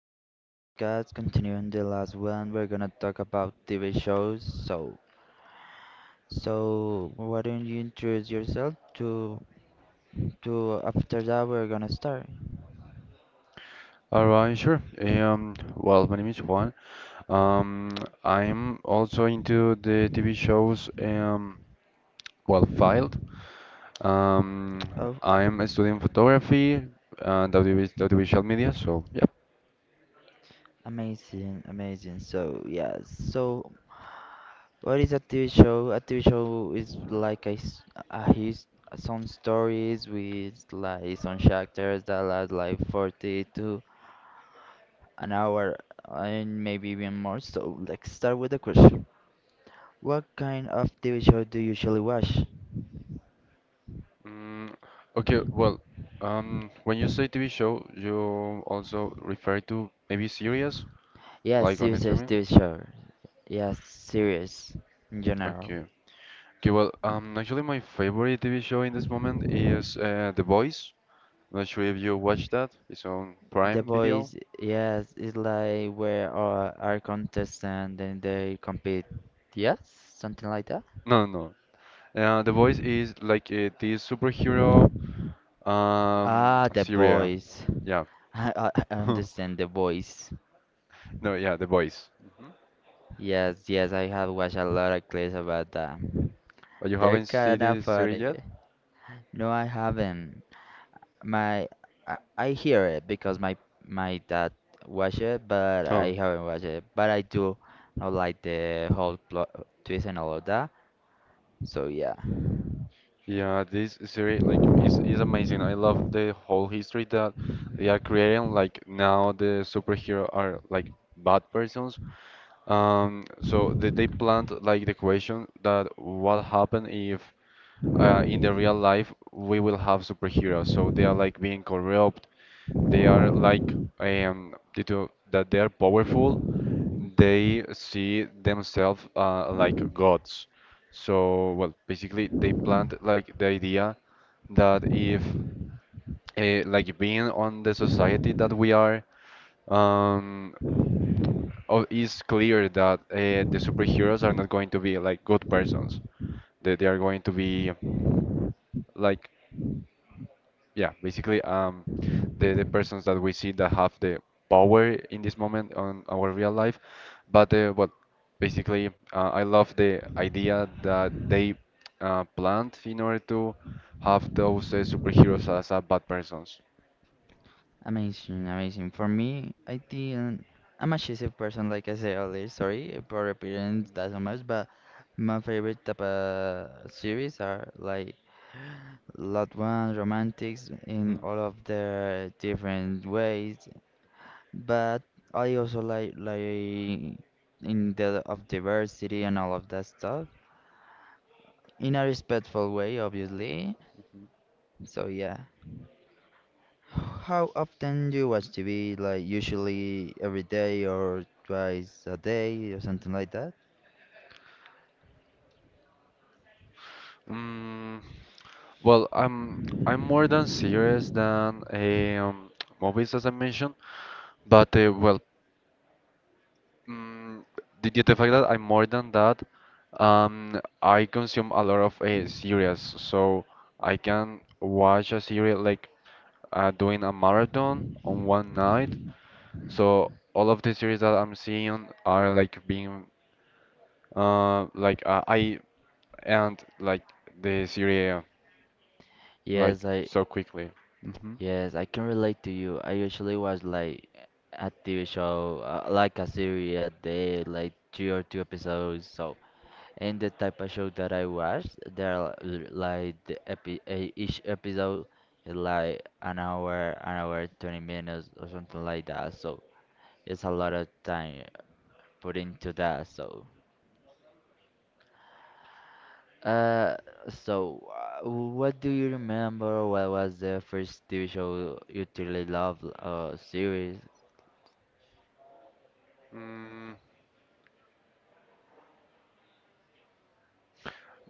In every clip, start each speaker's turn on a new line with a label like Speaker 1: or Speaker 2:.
Speaker 1: In this podcast, continuing the last one, we're gonna talk about TV shows. So, why don't you introduce yourself to to after that we're gonna start.
Speaker 2: All right, sure. My name is Juan. Um, I'm also into the TV shows, well, Filed. Um,
Speaker 1: Oh,
Speaker 2: I'm studying photography and audiovisual media, so yeah.
Speaker 1: amazing, amazing. So yeah, so what is a TV show? A TV show is like a, s- a his some stories with like some characters that last like 40 to an hour and maybe even more. So let's start with the question. What kind of TV show do you usually watch?
Speaker 2: Mm, okay, well, when you say TV show, you also refer to maybe series,
Speaker 1: Yes,
Speaker 2: like on
Speaker 1: serious
Speaker 2: streaming?
Speaker 1: TV show. Yes, serious in general.
Speaker 2: Okay. Okay, well, actually my favorite TV show in this moment is The Boys. Not sure if you watched that. It's on
Speaker 1: The
Speaker 2: Prime Video.
Speaker 1: boys, yes, it's like where our contestant and they compete. Yes, something like that.
Speaker 2: No, no. The Voice is like this superhero
Speaker 1: Ah, the
Speaker 2: series.
Speaker 1: boys.
Speaker 2: Yeah.
Speaker 1: I understand the boys.
Speaker 2: No, yeah, The Voice. Mhm.
Speaker 1: Yes, yes, I have watched a lot of clips about that.
Speaker 2: But you
Speaker 1: They're
Speaker 2: haven't seen
Speaker 1: kind of
Speaker 2: this series
Speaker 1: funny.
Speaker 2: yet?
Speaker 1: No, I haven't. My I hear it because my dad watch it, but I
Speaker 2: No.
Speaker 1: haven't watched it. But I do know like the whole plot twist and all of that. So yeah,
Speaker 2: Yeah, this series like is amazing. I love the whole history that they are creating. Like now the superhero are like bad persons. So they plant like the question that what happen if in the real life we will have superheroes, so they are like being corrupt, they are like due to that they are powerful, they see themselves like gods, so well basically they plant like the idea that if like being on the society that we are, um it's clear that the superheroes are not going to be like good persons, that they are going to be like, yeah, basically, the persons that we see that have the power in this moment on our real life, but well, basically, I love the idea that they planned in order to have those superheroes as bad persons.
Speaker 1: amazing, amazing. For me, I didn't. I'm a shitty person, like I said earlier. Sorry for repeating that so much, but my favorite type of series are like lot one romantics in
Speaker 2: Hmm.
Speaker 1: all of their different ways. But I also like in the of diversity and all of that stuff in a respectful way, obviously. So yeah. How often do you watch TV? Like usually every day or twice a day or something like that?
Speaker 2: Mm, well, I'm more than serious than movies as I mentioned, but well, Mm, did you the fact that I'm more than that, I consume a lot of series, so I can watch a series like doing a marathon on one night. So all of the series that I'm seeing are like being I end like the series
Speaker 1: Yes,
Speaker 2: like
Speaker 1: I
Speaker 2: so quickly. hmm
Speaker 1: yes, I can relate to you. I usually watch like a TV show, like a series a day, like three or two episodes. So and the type of show that I watched, like each episode is like an hour, 20 minutes or something like that. So it's a lot of time put into that. Uh, so, what do you remember? What was the first TV show you truly loved or series?
Speaker 2: Mm,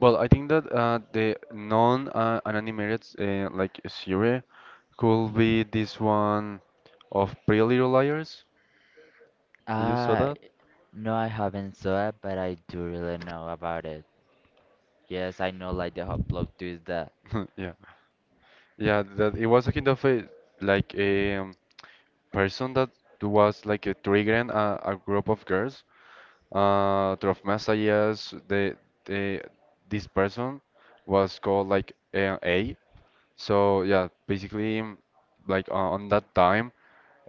Speaker 2: well, I think that the non-animated animated, like series could be this one of Pretty Little Liars. Did you saw
Speaker 1: Uh,
Speaker 2: that?
Speaker 1: no, I haven't saw it, but I do really know about it. Yes, I know like the whole plot twist that.
Speaker 2: Yeah. Yeah, that it was a kind of a like a person that was like a triggering a group of girls. Through messages, the this person was called like A. A. So yeah, basically like on that time,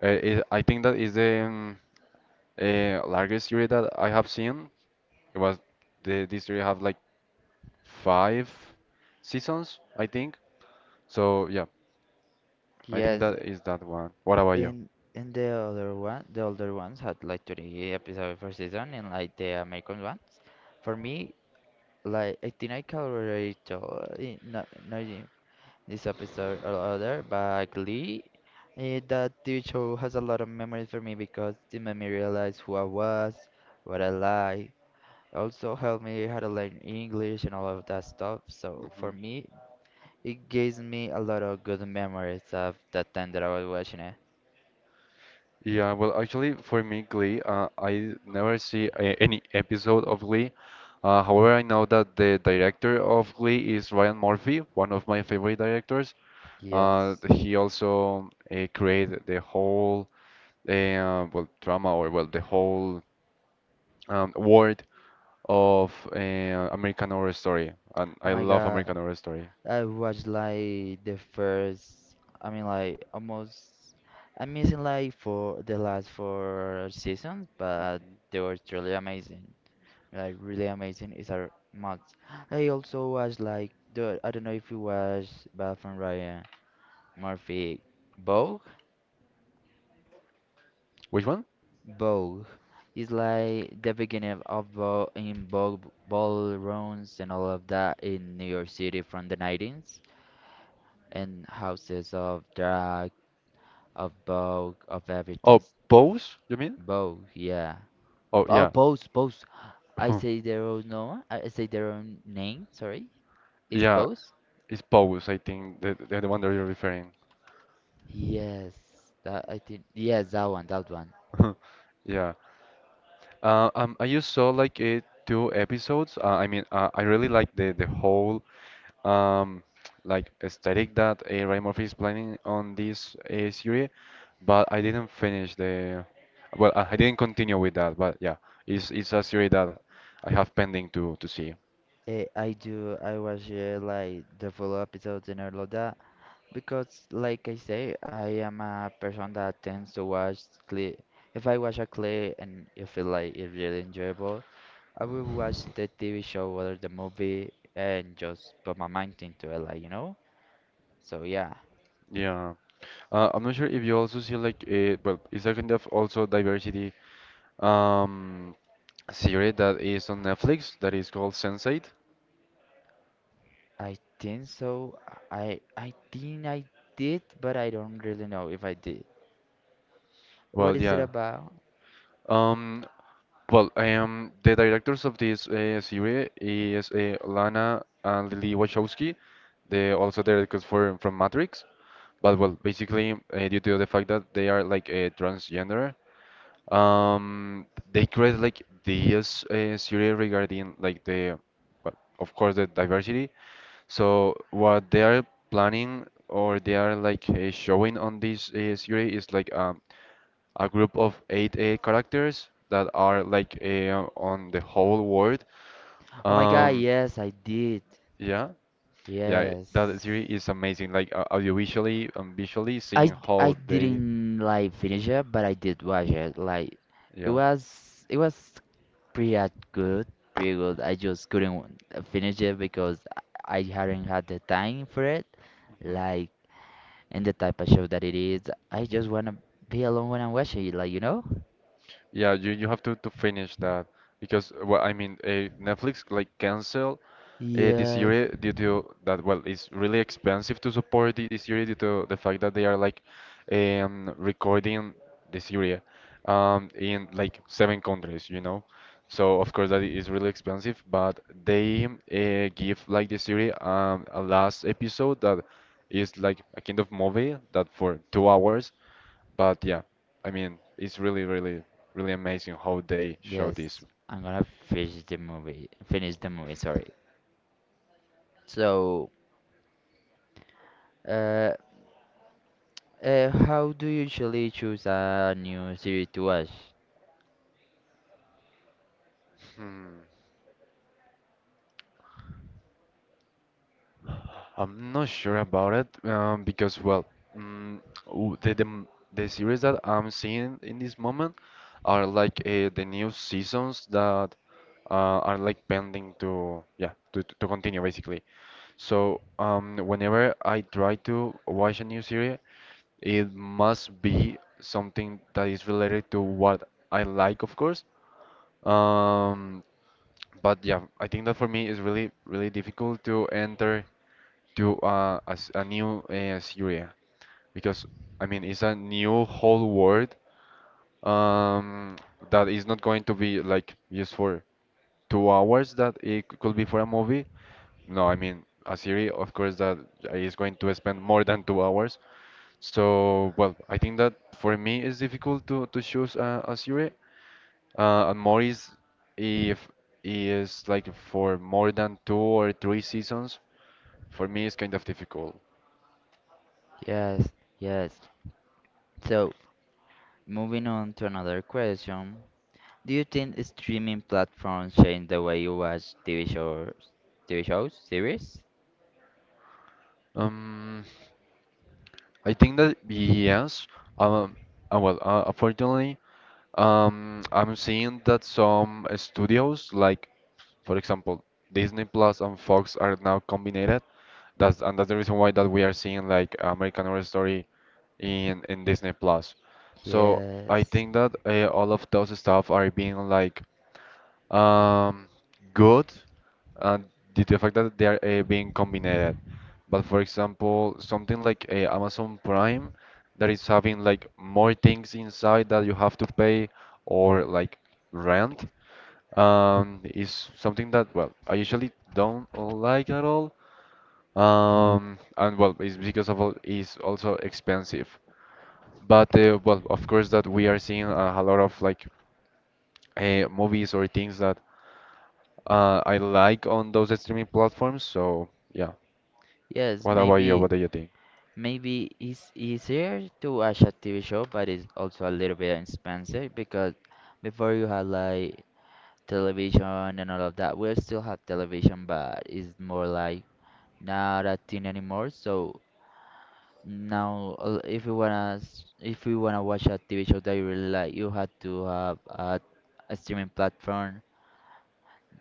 Speaker 2: it, I think that is the largest series that I have seen. It was the this series have like five seasons, I think. So yeah, I think
Speaker 1: Yes,
Speaker 2: that is that one. What about you?
Speaker 1: And the other one, the older ones had like 20 episodes per season, and like the American ones. For me, like I think I can already tell in no, no, in this episode or other, but Glee, that TV show has a lot of memories for me because it made me realize who I was, what I like. Also helped me how to learn English and all of that stuff. So
Speaker 2: hmm
Speaker 1: for me, it gives me a lot of good memories of the time that I was watching it.
Speaker 2: Yeah, well, actually, for me, Glee, I never see a any episode of Glee. However, I know that the director of Glee is Ryan Murphy, one of my favorite directors.
Speaker 1: Yes.
Speaker 2: He also created the whole well drama or well the whole world of American Horror Story, and
Speaker 1: Oh
Speaker 2: I
Speaker 1: my
Speaker 2: love
Speaker 1: God,
Speaker 2: American Horror Story.
Speaker 1: I watched like the first, I mean like almost, I'm missing like for the last four seasons, but
Speaker 2: Mhm.
Speaker 1: they were truly amazing. Like really amazing is a must. I also watched like the, I don't know if you watched Bad from Ryan Murphy, Vogue?
Speaker 2: Which one?
Speaker 1: Vogue. It's like the beginning of Vogue in Vogue ballrooms and all of that in New York City from the 90s and houses of drag of both of everything.
Speaker 2: Oh, Pose, you mean?
Speaker 1: Both, yeah.
Speaker 2: Oh,
Speaker 1: Oh,
Speaker 2: yeah.
Speaker 1: both, both. I say their own no. I say their own name. Sorry, is
Speaker 2: Yeah,
Speaker 1: both.
Speaker 2: it's Pose, I think, the one that you're referring.
Speaker 1: Yes, that I think. Yes, that one, that one.
Speaker 2: Yeah. I just saw like two episodes. I mean, I really like the whole um, like aesthetic that Ryan Murphy is planning on this series, but I didn't finish the. Well, I didn't continue with that, but yeah, it's a series that I have pending to see.
Speaker 1: I do. I watch like the full episodes and all of that because, like I say, I am a person that tends to watch clip. If I watch a clip and I feel like it's really enjoyable, I will watch the TV show or the movie and just put my mind into it, like. So yeah,
Speaker 2: Yeah. I'm not sure if you also see like well, it's a kind of also diversity um series that is on Netflix that is called Sense8.
Speaker 1: I think so. I think I did, but I don't really know if I did. What
Speaker 2: Well,
Speaker 1: is it
Speaker 2: yeah.
Speaker 1: about?
Speaker 2: Um, the directors of this series is Lana and Lily Wachowski. They also directors for from Matrix, but well, basically due to the fact that they are like a transgender, um, they create like this series regarding like the, well, of course, the diversity. So what they are planning or they are like showing on this series is like a group of eight characters that are like on the whole world.
Speaker 1: Oh my God,
Speaker 2: Um,
Speaker 1: yes, I did.
Speaker 2: yeah, yeah, that
Speaker 1: Yes.
Speaker 2: series is amazing. Like audiovisually and visually,
Speaker 1: I
Speaker 2: seeing
Speaker 1: d- I
Speaker 2: how they,
Speaker 1: didn't like finish it, but I did watch it. Like it
Speaker 2: yeah.
Speaker 1: was it was pretty good, pretty good. I just couldn't finish it because I hadn't had the time for it.
Speaker 2: Mm-hmm.
Speaker 1: Like and the type of show that it is, I just wanna be alone when I watch it. Like you know?
Speaker 2: Yeah, you have to finish that because well, I mean, Netflix like cancel the
Speaker 1: Yes.
Speaker 2: series due to that. Well, it's really expensive to support the series due to the fact that they are like recording the series in like seven countries, you know. So of course that is really expensive, but they give like the series a last episode that is like a kind of movie that for 2 hours, but yeah, I mean, it's really, really, really amazing how they show this.
Speaker 1: Yes, I'm gonna finish the movie. Finish the movie, sorry. So, uh, how do you usually choose a new series to watch?
Speaker 2: Hmm. I'm not sure about it because, well, the series that I'm seeing in this moment are like the new seasons that are like pending to yeah to continue basically. So whenever I try to watch a new series, it must be something that is related to what I like, of course. Um, but yeah, I think that for me is really, really difficult to enter to a new Syria because I mean it's a new whole world, um, that is not going to be like used for 2 hours that it c- could be for a movie. No, I mean a series, of course, that is going to spend more than 2 hours. So, well, I think that for me it's difficult to choose a series, and Morris, if he is like for more than two or three seasons, for me it's kind of difficult.
Speaker 1: Yes, yes. So, moving on to another question. Do you think streaming platforms change the way you watch TV shows, series?
Speaker 2: Um, I think that yes. Um, well, unfortunately, I'm seeing that some studios, like for example, Disney Plus and Fox, are now combined. That's the reason why that we are seeing like American Horror Story in Disney Plus. So I
Speaker 1: Yes.
Speaker 2: think that all of those stuff are being like um, good uh, due to the fact that they are being combined. But for example, something like Amazon Prime that is having like more things inside that you have to pay or like rent, is something that well I usually don't like at all. And well, it's because of all is also expensive. But well, of course that we are seeing a lot of like movies or things that I like on those streaming platforms. So yeah,
Speaker 1: Yes,
Speaker 2: what about you? What
Speaker 1: maybe
Speaker 2: do you think?
Speaker 1: maybe it's easier to watch a TV show, but it's also a little bit expensive because before you had like television and all of that. We still have television, but it's more like not a thing anymore. So now, if you wanna watch a TV show that you really like, you have to have a streaming platform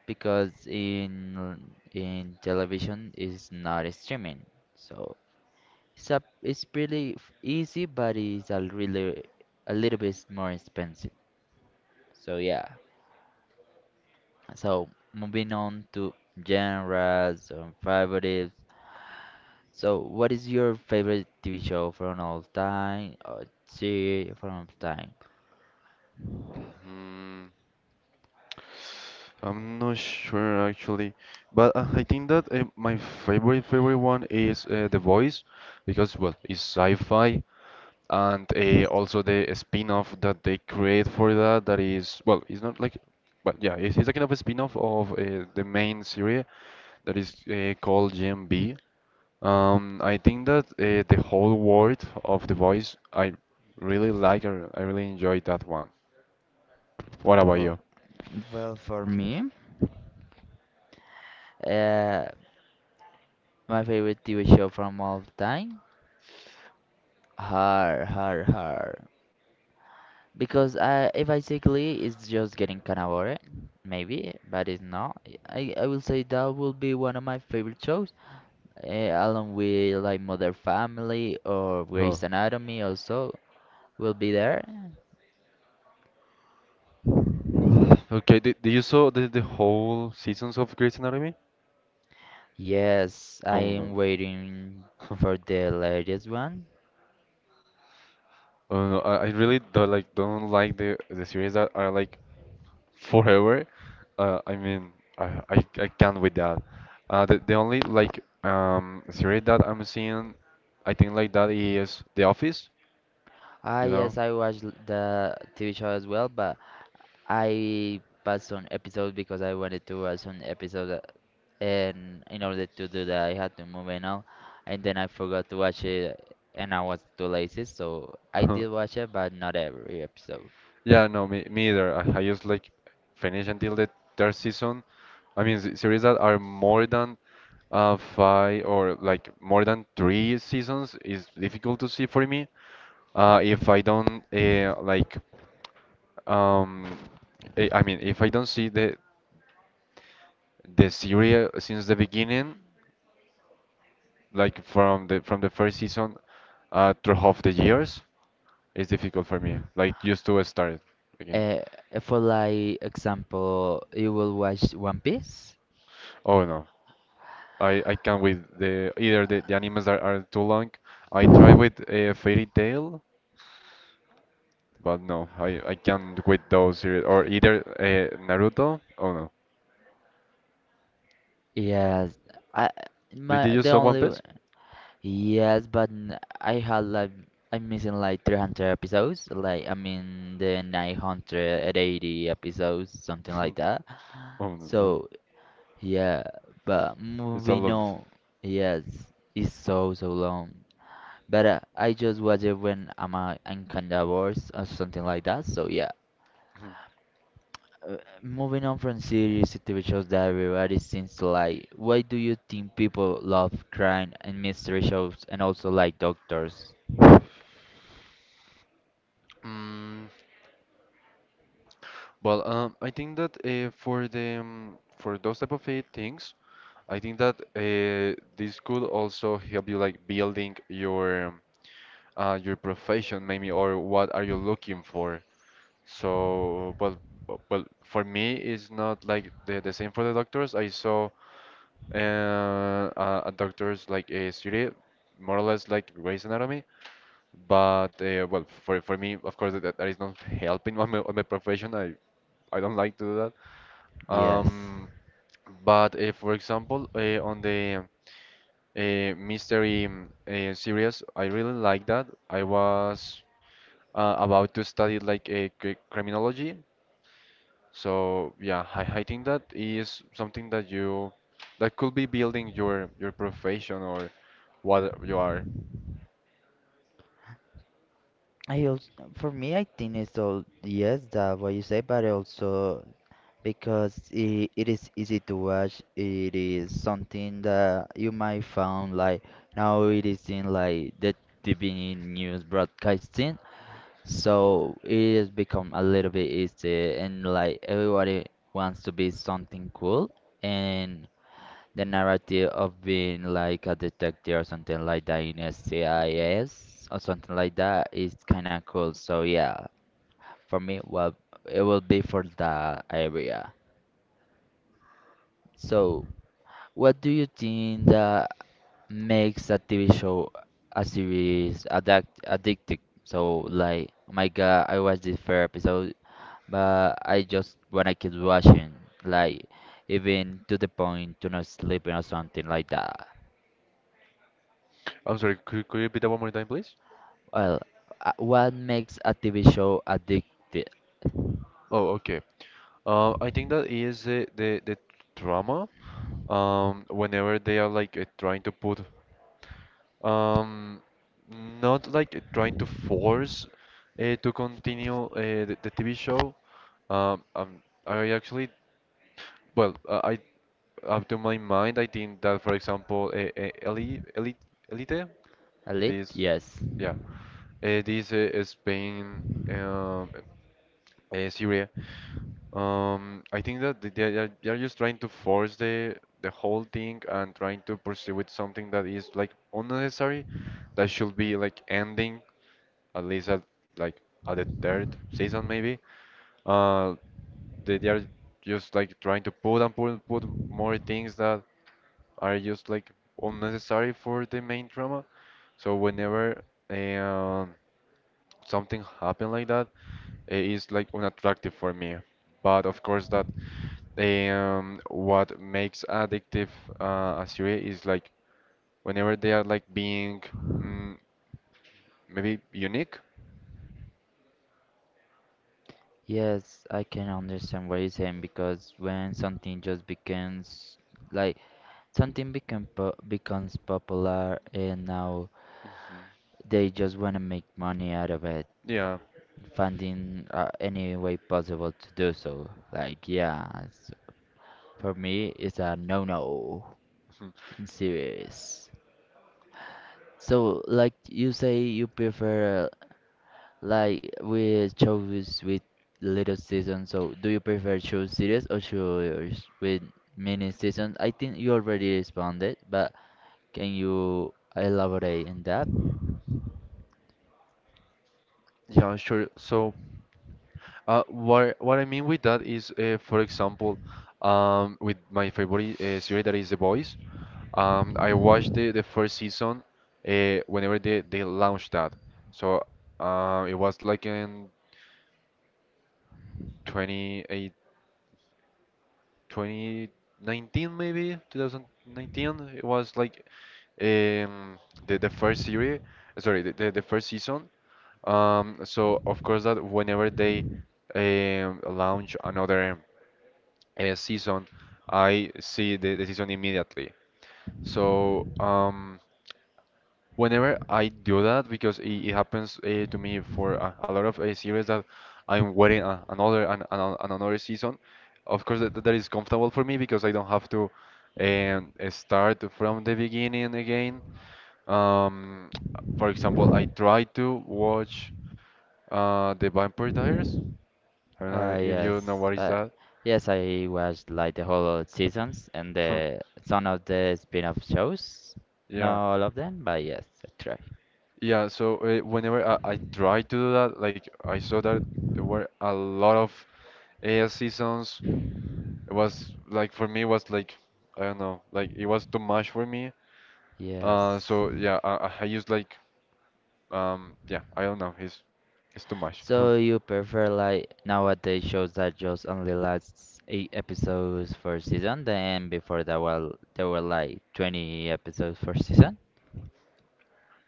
Speaker 1: because in television is not streaming. So it's pretty easy, but it's a little bit more expensive. So yeah. So moving on to genres and favorites. So what is your favorite TV show from all time or series from all time?
Speaker 2: Hmm. I'm not sure actually, but I think that my favorite one is The Voice because well, it's sci-fi and also the spin-off that they create for that that is well, it's not like, but yeah, it's a kind of a spin-off of the main series that is called GMB. I think that the whole world of The Voice, I really like. I really enjoyed that one. What about
Speaker 1: Oh,
Speaker 2: you?
Speaker 1: well, for me, uh, my favorite TV show from all time, Har Har Har, because if I say Glee, it's just getting kind of boring, maybe, but it's not. I will say that will be one of my favorite shows along with like Modern Family or
Speaker 2: Oh.
Speaker 1: Grey's Anatomy also will be there.
Speaker 2: Okay, did you saw the whole seasons of Grey's Anatomy?
Speaker 1: Yes, I
Speaker 2: Oh
Speaker 1: am
Speaker 2: no.
Speaker 1: waiting for the latest one.
Speaker 2: Oh no, I really don't like the series that are like forever. I mean, I can't with that. The only like series that I'm seeing, I think like that is The Office. You know.
Speaker 1: Yes, I watched the TV show as well, but I passed on episodes because I wanted to watch an episode, and in order to do that, I had to move and all, and then I forgot to watch it, and I was too lazy, so I did watch it, but not every episode.
Speaker 2: Yeah, no, me either. I just like finish until the third season. I mean, series that are more than five or like more than three seasons is difficult to see for me. If I don't like, um, I mean, if I don't see the series since the beginning, like from the first season through half the years, it's difficult for me. Like just to start again.
Speaker 1: Uh, for like example, you will watch One Piece?
Speaker 2: Oh no. I can't with the either the animes are too long. I try with Fairy Tail, but no, I can't with those series or either Naruto. Oh no,
Speaker 1: Yes. I
Speaker 2: did
Speaker 1: my
Speaker 2: you
Speaker 1: the
Speaker 2: saw One
Speaker 1: only
Speaker 2: Piece?
Speaker 1: yes, but I'm missing like 300 episodes. Like I mean the 980 episodes, something like that.
Speaker 2: Oh no, no,
Speaker 1: So yeah, but
Speaker 2: it's a
Speaker 1: moving
Speaker 2: lot.
Speaker 1: on, yes, it's so long. But I just watch it when I'm kinda bored or something like that. So yeah. Moving on from series to TV shows that everybody seems to like, why do you think people love crime and mystery shows and also like doctors?
Speaker 2: Mm, well, I think that for those type of things, I think that this could also help you like building your profession maybe or what are you looking for. So, well, well, for me, it's not like the same for the doctors. I saw uh, a doctor's like a series, more or less like Grey's Anatomy. But well, for me, of course, that, that is not helping on on my profession. I don't like to do that.
Speaker 1: Yes.
Speaker 2: Um, but for example, on the mystery series, I really like that. I was about to study like a criminology. So yeah, I think that is something that could be building your profession or what you are.
Speaker 1: I also, for me, I think it's all yes that what you say, but also because it is easy to watch. It is something that you might found like now it is in like the TV news broadcasting. So it has become a little bit easy and like everybody wants to be something cool and the narrative of being like a detective or something like that in SCIS or something like that is kind of cool. So yeah, for me, well, it will be for that area. So what do you think that makes a TV show a series addictive. So like, oh my God, I watched this first episode. But I just wanna keep watching, like even to the point to not sleeping or something like that.
Speaker 2: I'm sorry, could you repeat that one more time, please?
Speaker 1: Well, what makes a TV show addictive?
Speaker 2: Oh, okay. I think that is the trauma whenever they are like trying to put um not like trying to force to continue the TV show. I actually Well, I Up to my mind, I think that for example, Elite,
Speaker 1: Elite?
Speaker 2: this,
Speaker 1: Yes.
Speaker 2: yeah, this Spain, um, uh, Syria. I think that they are just trying to force the whole thing and trying to pursue with something that is like unnecessary, that should be like ending at least at like at the third season maybe. Uh, they are just like trying to put and put more things that. Are just like unnecessary for the main drama. So whenever um, something happened like that, it is like unattractive for me. But of course, that what makes addictive a series is like whenever they are like being mm, maybe unique.
Speaker 1: Yes, I can understand what you're saying because when something just becomes like something becomes popular and now
Speaker 2: Mhm.
Speaker 1: they just want to make money out of it,
Speaker 2: Yeah.
Speaker 1: finding any way possible to do so. Like, yeah, for me it's a no-no
Speaker 2: Mhm.
Speaker 1: in series. So, like you say, you prefer like we chose with little season. So, do you prefer show series or shows with mini seasons? I think you already responded, but can you elaborate on that?
Speaker 2: Yeah, sure. So, what I mean with that is, for example, with my favorite series that is The Boys. I watched the first season whenever they launched that. So it was like in 28, 2019 maybe, 2019. It was like um, the first series, sorry, the first season. So of course that whenever they launch another season, I see the season immediately. So whenever I do that, because it happens to me for a lot of series that I'm waiting another and another season. Of course, that is comfortable for me because I don't have to start from the beginning again. Um, for example, I tried to watch The Vampire Diaries. I don't know if you know
Speaker 1: Yes.
Speaker 2: what is that.
Speaker 1: Yes, I watched like the whole seasons and the some of the spin-off shows.
Speaker 2: Yeah,
Speaker 1: Not all of them, but yes, I try.
Speaker 2: yeah. So whenever I tried to do that, like I saw that there were a lot of seasons. It was like for me it was like I don't know, like it was too much for me.
Speaker 1: Yes.
Speaker 2: So yeah, I used like yeah, I don't know, it's too much.
Speaker 1: So you prefer like nowadays shows that just only lasts eight episodes for season, then before that well there were like 20 episodes for season?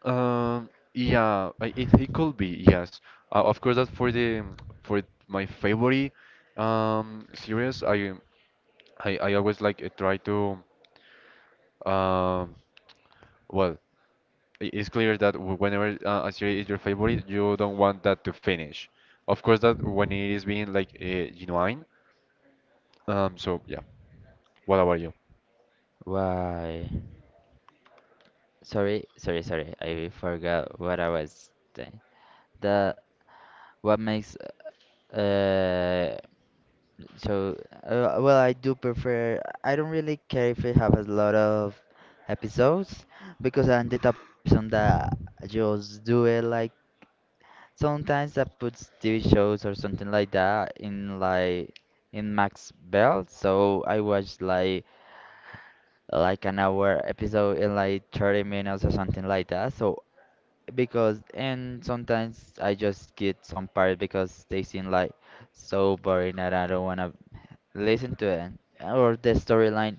Speaker 2: Um, yeah, it could be, yes. Of course that for my favorite series, I always like try to um well, it's clear that whenever a series is your favorite, you don't want that to finish. Of course that when it is being like genuine. So yeah. What about you?
Speaker 1: Why? Sorry, sorry, sorry, I forgot what I was saying. The what makes uh So, well, I do prefer. I don't really care if it have a lot of episodes because I'm the type of person that just do it. Like sometimes I put TV shows or something like that in max belt. So I watch like an hour episode in like 30 minutes or something like that. So because and sometimes I just skip some part because they seem like so boring and I don't wanna listen to it or the storyline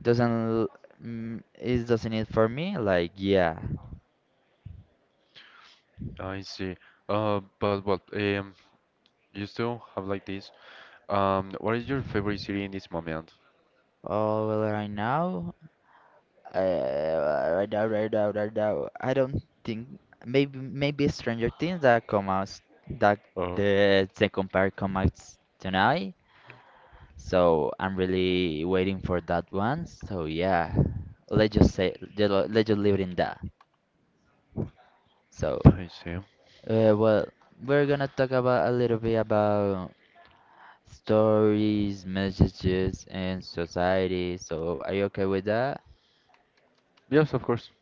Speaker 1: doesn't mm, is doesn't it for me like yeah.
Speaker 2: I see. But what, you still have like this. What is your favorite city in this moment?
Speaker 1: Oh, well, right now, I don't think, maybe Stranger Things that come out, that
Speaker 2: Oh,
Speaker 1: the second part come out tonight, so I'm really waiting for that one. So yeah, let's just leave it in that. So
Speaker 2: I see.
Speaker 1: well, we're gonna talk about a little bit about stories, messages, and society. So, are you okay with that?
Speaker 2: Yes, of course.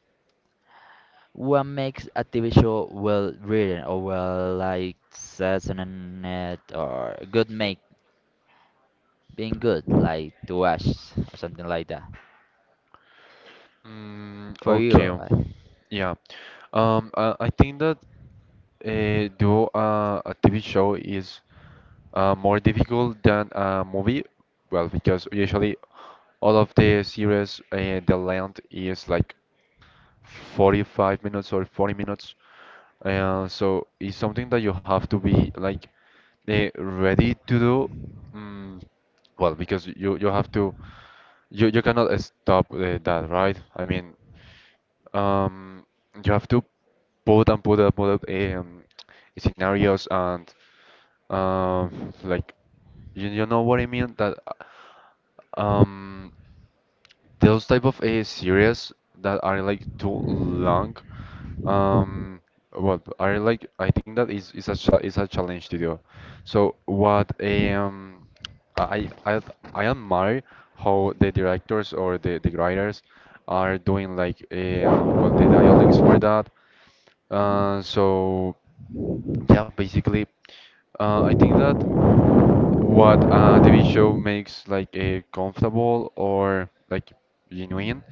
Speaker 1: What makes a TV show well written or well like says on the net or good make being good like to watch or something like that
Speaker 2: Mm,
Speaker 1: for you?
Speaker 2: okay. Yeah. I think that do a TV show is more difficult than a movie. Well, because usually all of the series the length is like 45 minutes or 40 minutes. So it's something that you have to be like ready to do mm, well because you have to you cannot stop that, right? I mean, um you have to put and put and put up scenarios and like you know what I mean that um those type of series that are like too long um well are like I think that is a challenge to do, so what I I I admire how the directors or the writers are doing like well the dialogues for that so yeah, basically I think that what a TV show makes like a comfortable or like genuine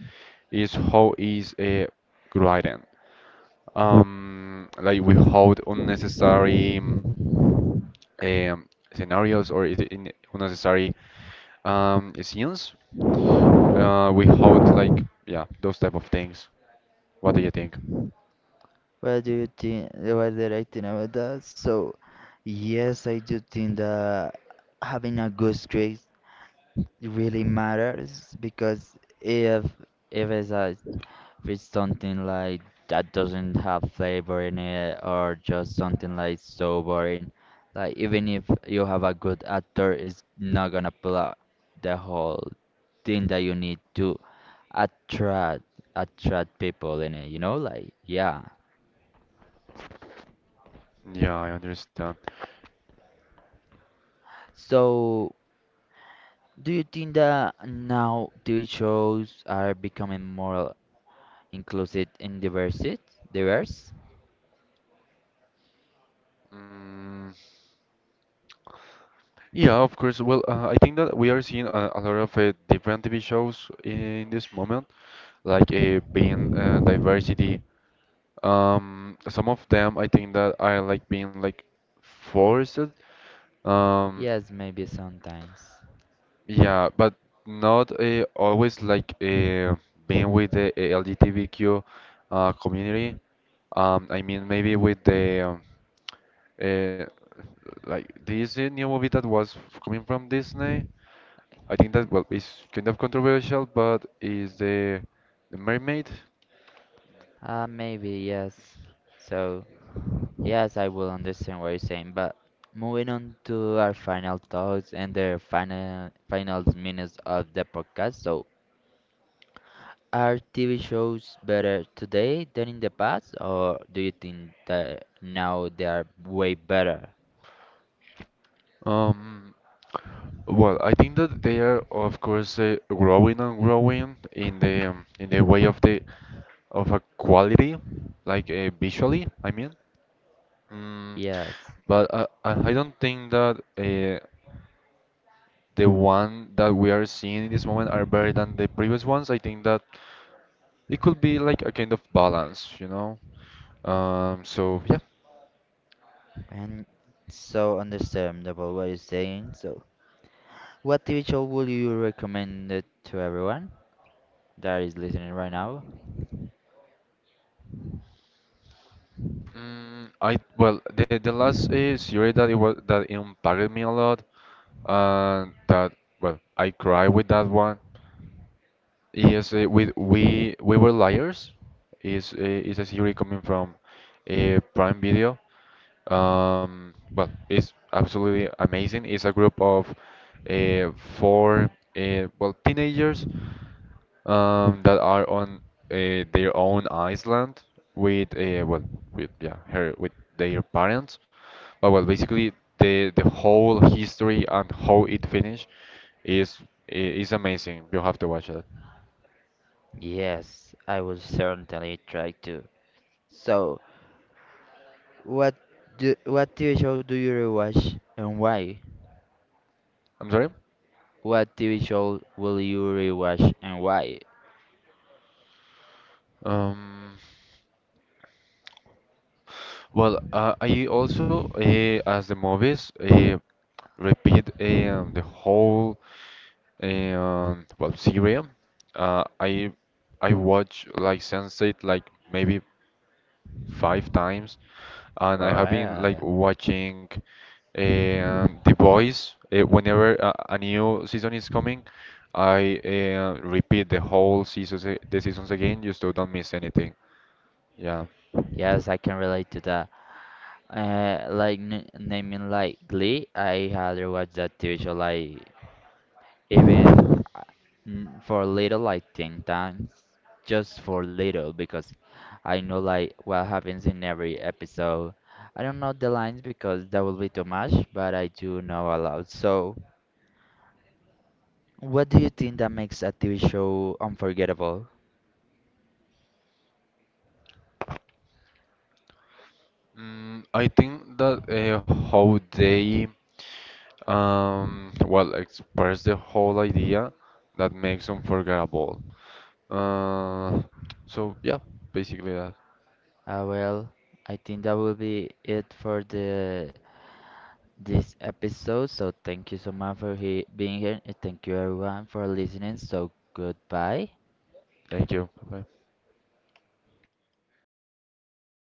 Speaker 2: is how is grading. Like we hold unnecessary um, scenarios or is it in unnecessary scenes. We hold like yeah those type of things. What do you think?
Speaker 1: What do you think? What did I think about that? So, yes, I do think that having a good script really matters because if If it's a If it's something like that doesn't have flavor in it or just something like so boring, like even if you have a good actor, it's not gonna pull out the whole thing that you need to attract attract people in it, you know? Like yeah.
Speaker 2: Yeah, I understand.
Speaker 1: So do you think that now TV shows are becoming more inclusive and diverse? Diverse?
Speaker 2: Mm, yeah, of course. Well, I think that we are seeing a lot of different TV shows in this moment, like being diversity. Some of them I think that are like being like forced. Um,
Speaker 1: Yes, maybe sometimes.
Speaker 2: yeah, but not always like being with the LGBTQ community. I mean, maybe with the uh, like this new movie that was coming from Disney. I think that well, it's kind of controversial, but is the Mermaid.
Speaker 1: Maybe yes. So yes, I will understand what you're saying, but moving on to our final thoughts and the final minutes of the podcast. So, are TV shows better today than in the past, or do you think that now they are way better?
Speaker 2: Um, well, I think that they are, of course, growing and growing in the way of a quality, like visually, I mean. Mm,
Speaker 1: Yes,
Speaker 2: but I don't think that the one that we are seeing in this moment are better than the previous ones. I think that it could be like a kind of balance. So yeah.
Speaker 1: and so understandable what you're saying. So, what TV show would you recommend it to everyone that is listening right now?
Speaker 2: Mm, I the last series that it was that impacted me a lot and that well I cry with that one. Yes, with We Were Liars is is a series coming from Prime Video. Well, it's absolutely amazing. It's a group of uh, four well, teenagers that are on their own island with well with yeah her with their parents. But well, basically the whole history and how it finished is is amazing. You have to watch it.
Speaker 1: Yes, I will certainly try to. So. What what TV show do you rewatch and why?
Speaker 2: I'm sorry.
Speaker 1: What TV show will you rewatch and why?
Speaker 2: Um, well, I also, as the movies, repeat the whole, well, series. Uh, I I watch like Sense8 like maybe five times, and I
Speaker 1: Oh,
Speaker 2: have been
Speaker 1: yeah,
Speaker 2: like
Speaker 1: yeah.
Speaker 2: watching The Boys whenever a new season is coming. I repeat the whole seasons, the seasons again, just so don't miss anything. Yeah.
Speaker 1: Yes, I can relate to that. Like n naming like Glee, I had rewatched that TV show like even uh, for little like 10 times, just for little because I know like what happens in every episode. I don't know the lines because that will be too much, but I do know a lot. So. What do you think that makes a TV show unforgettable?
Speaker 2: Mm, I think that how they well express the whole idea that makes them forgettable. Uh, so yeah, basically that.
Speaker 1: Well, I think that will be it for the this episode. So thank you so much for he being here, and thank you everyone for listening. So goodbye.
Speaker 2: Thank you. Bye.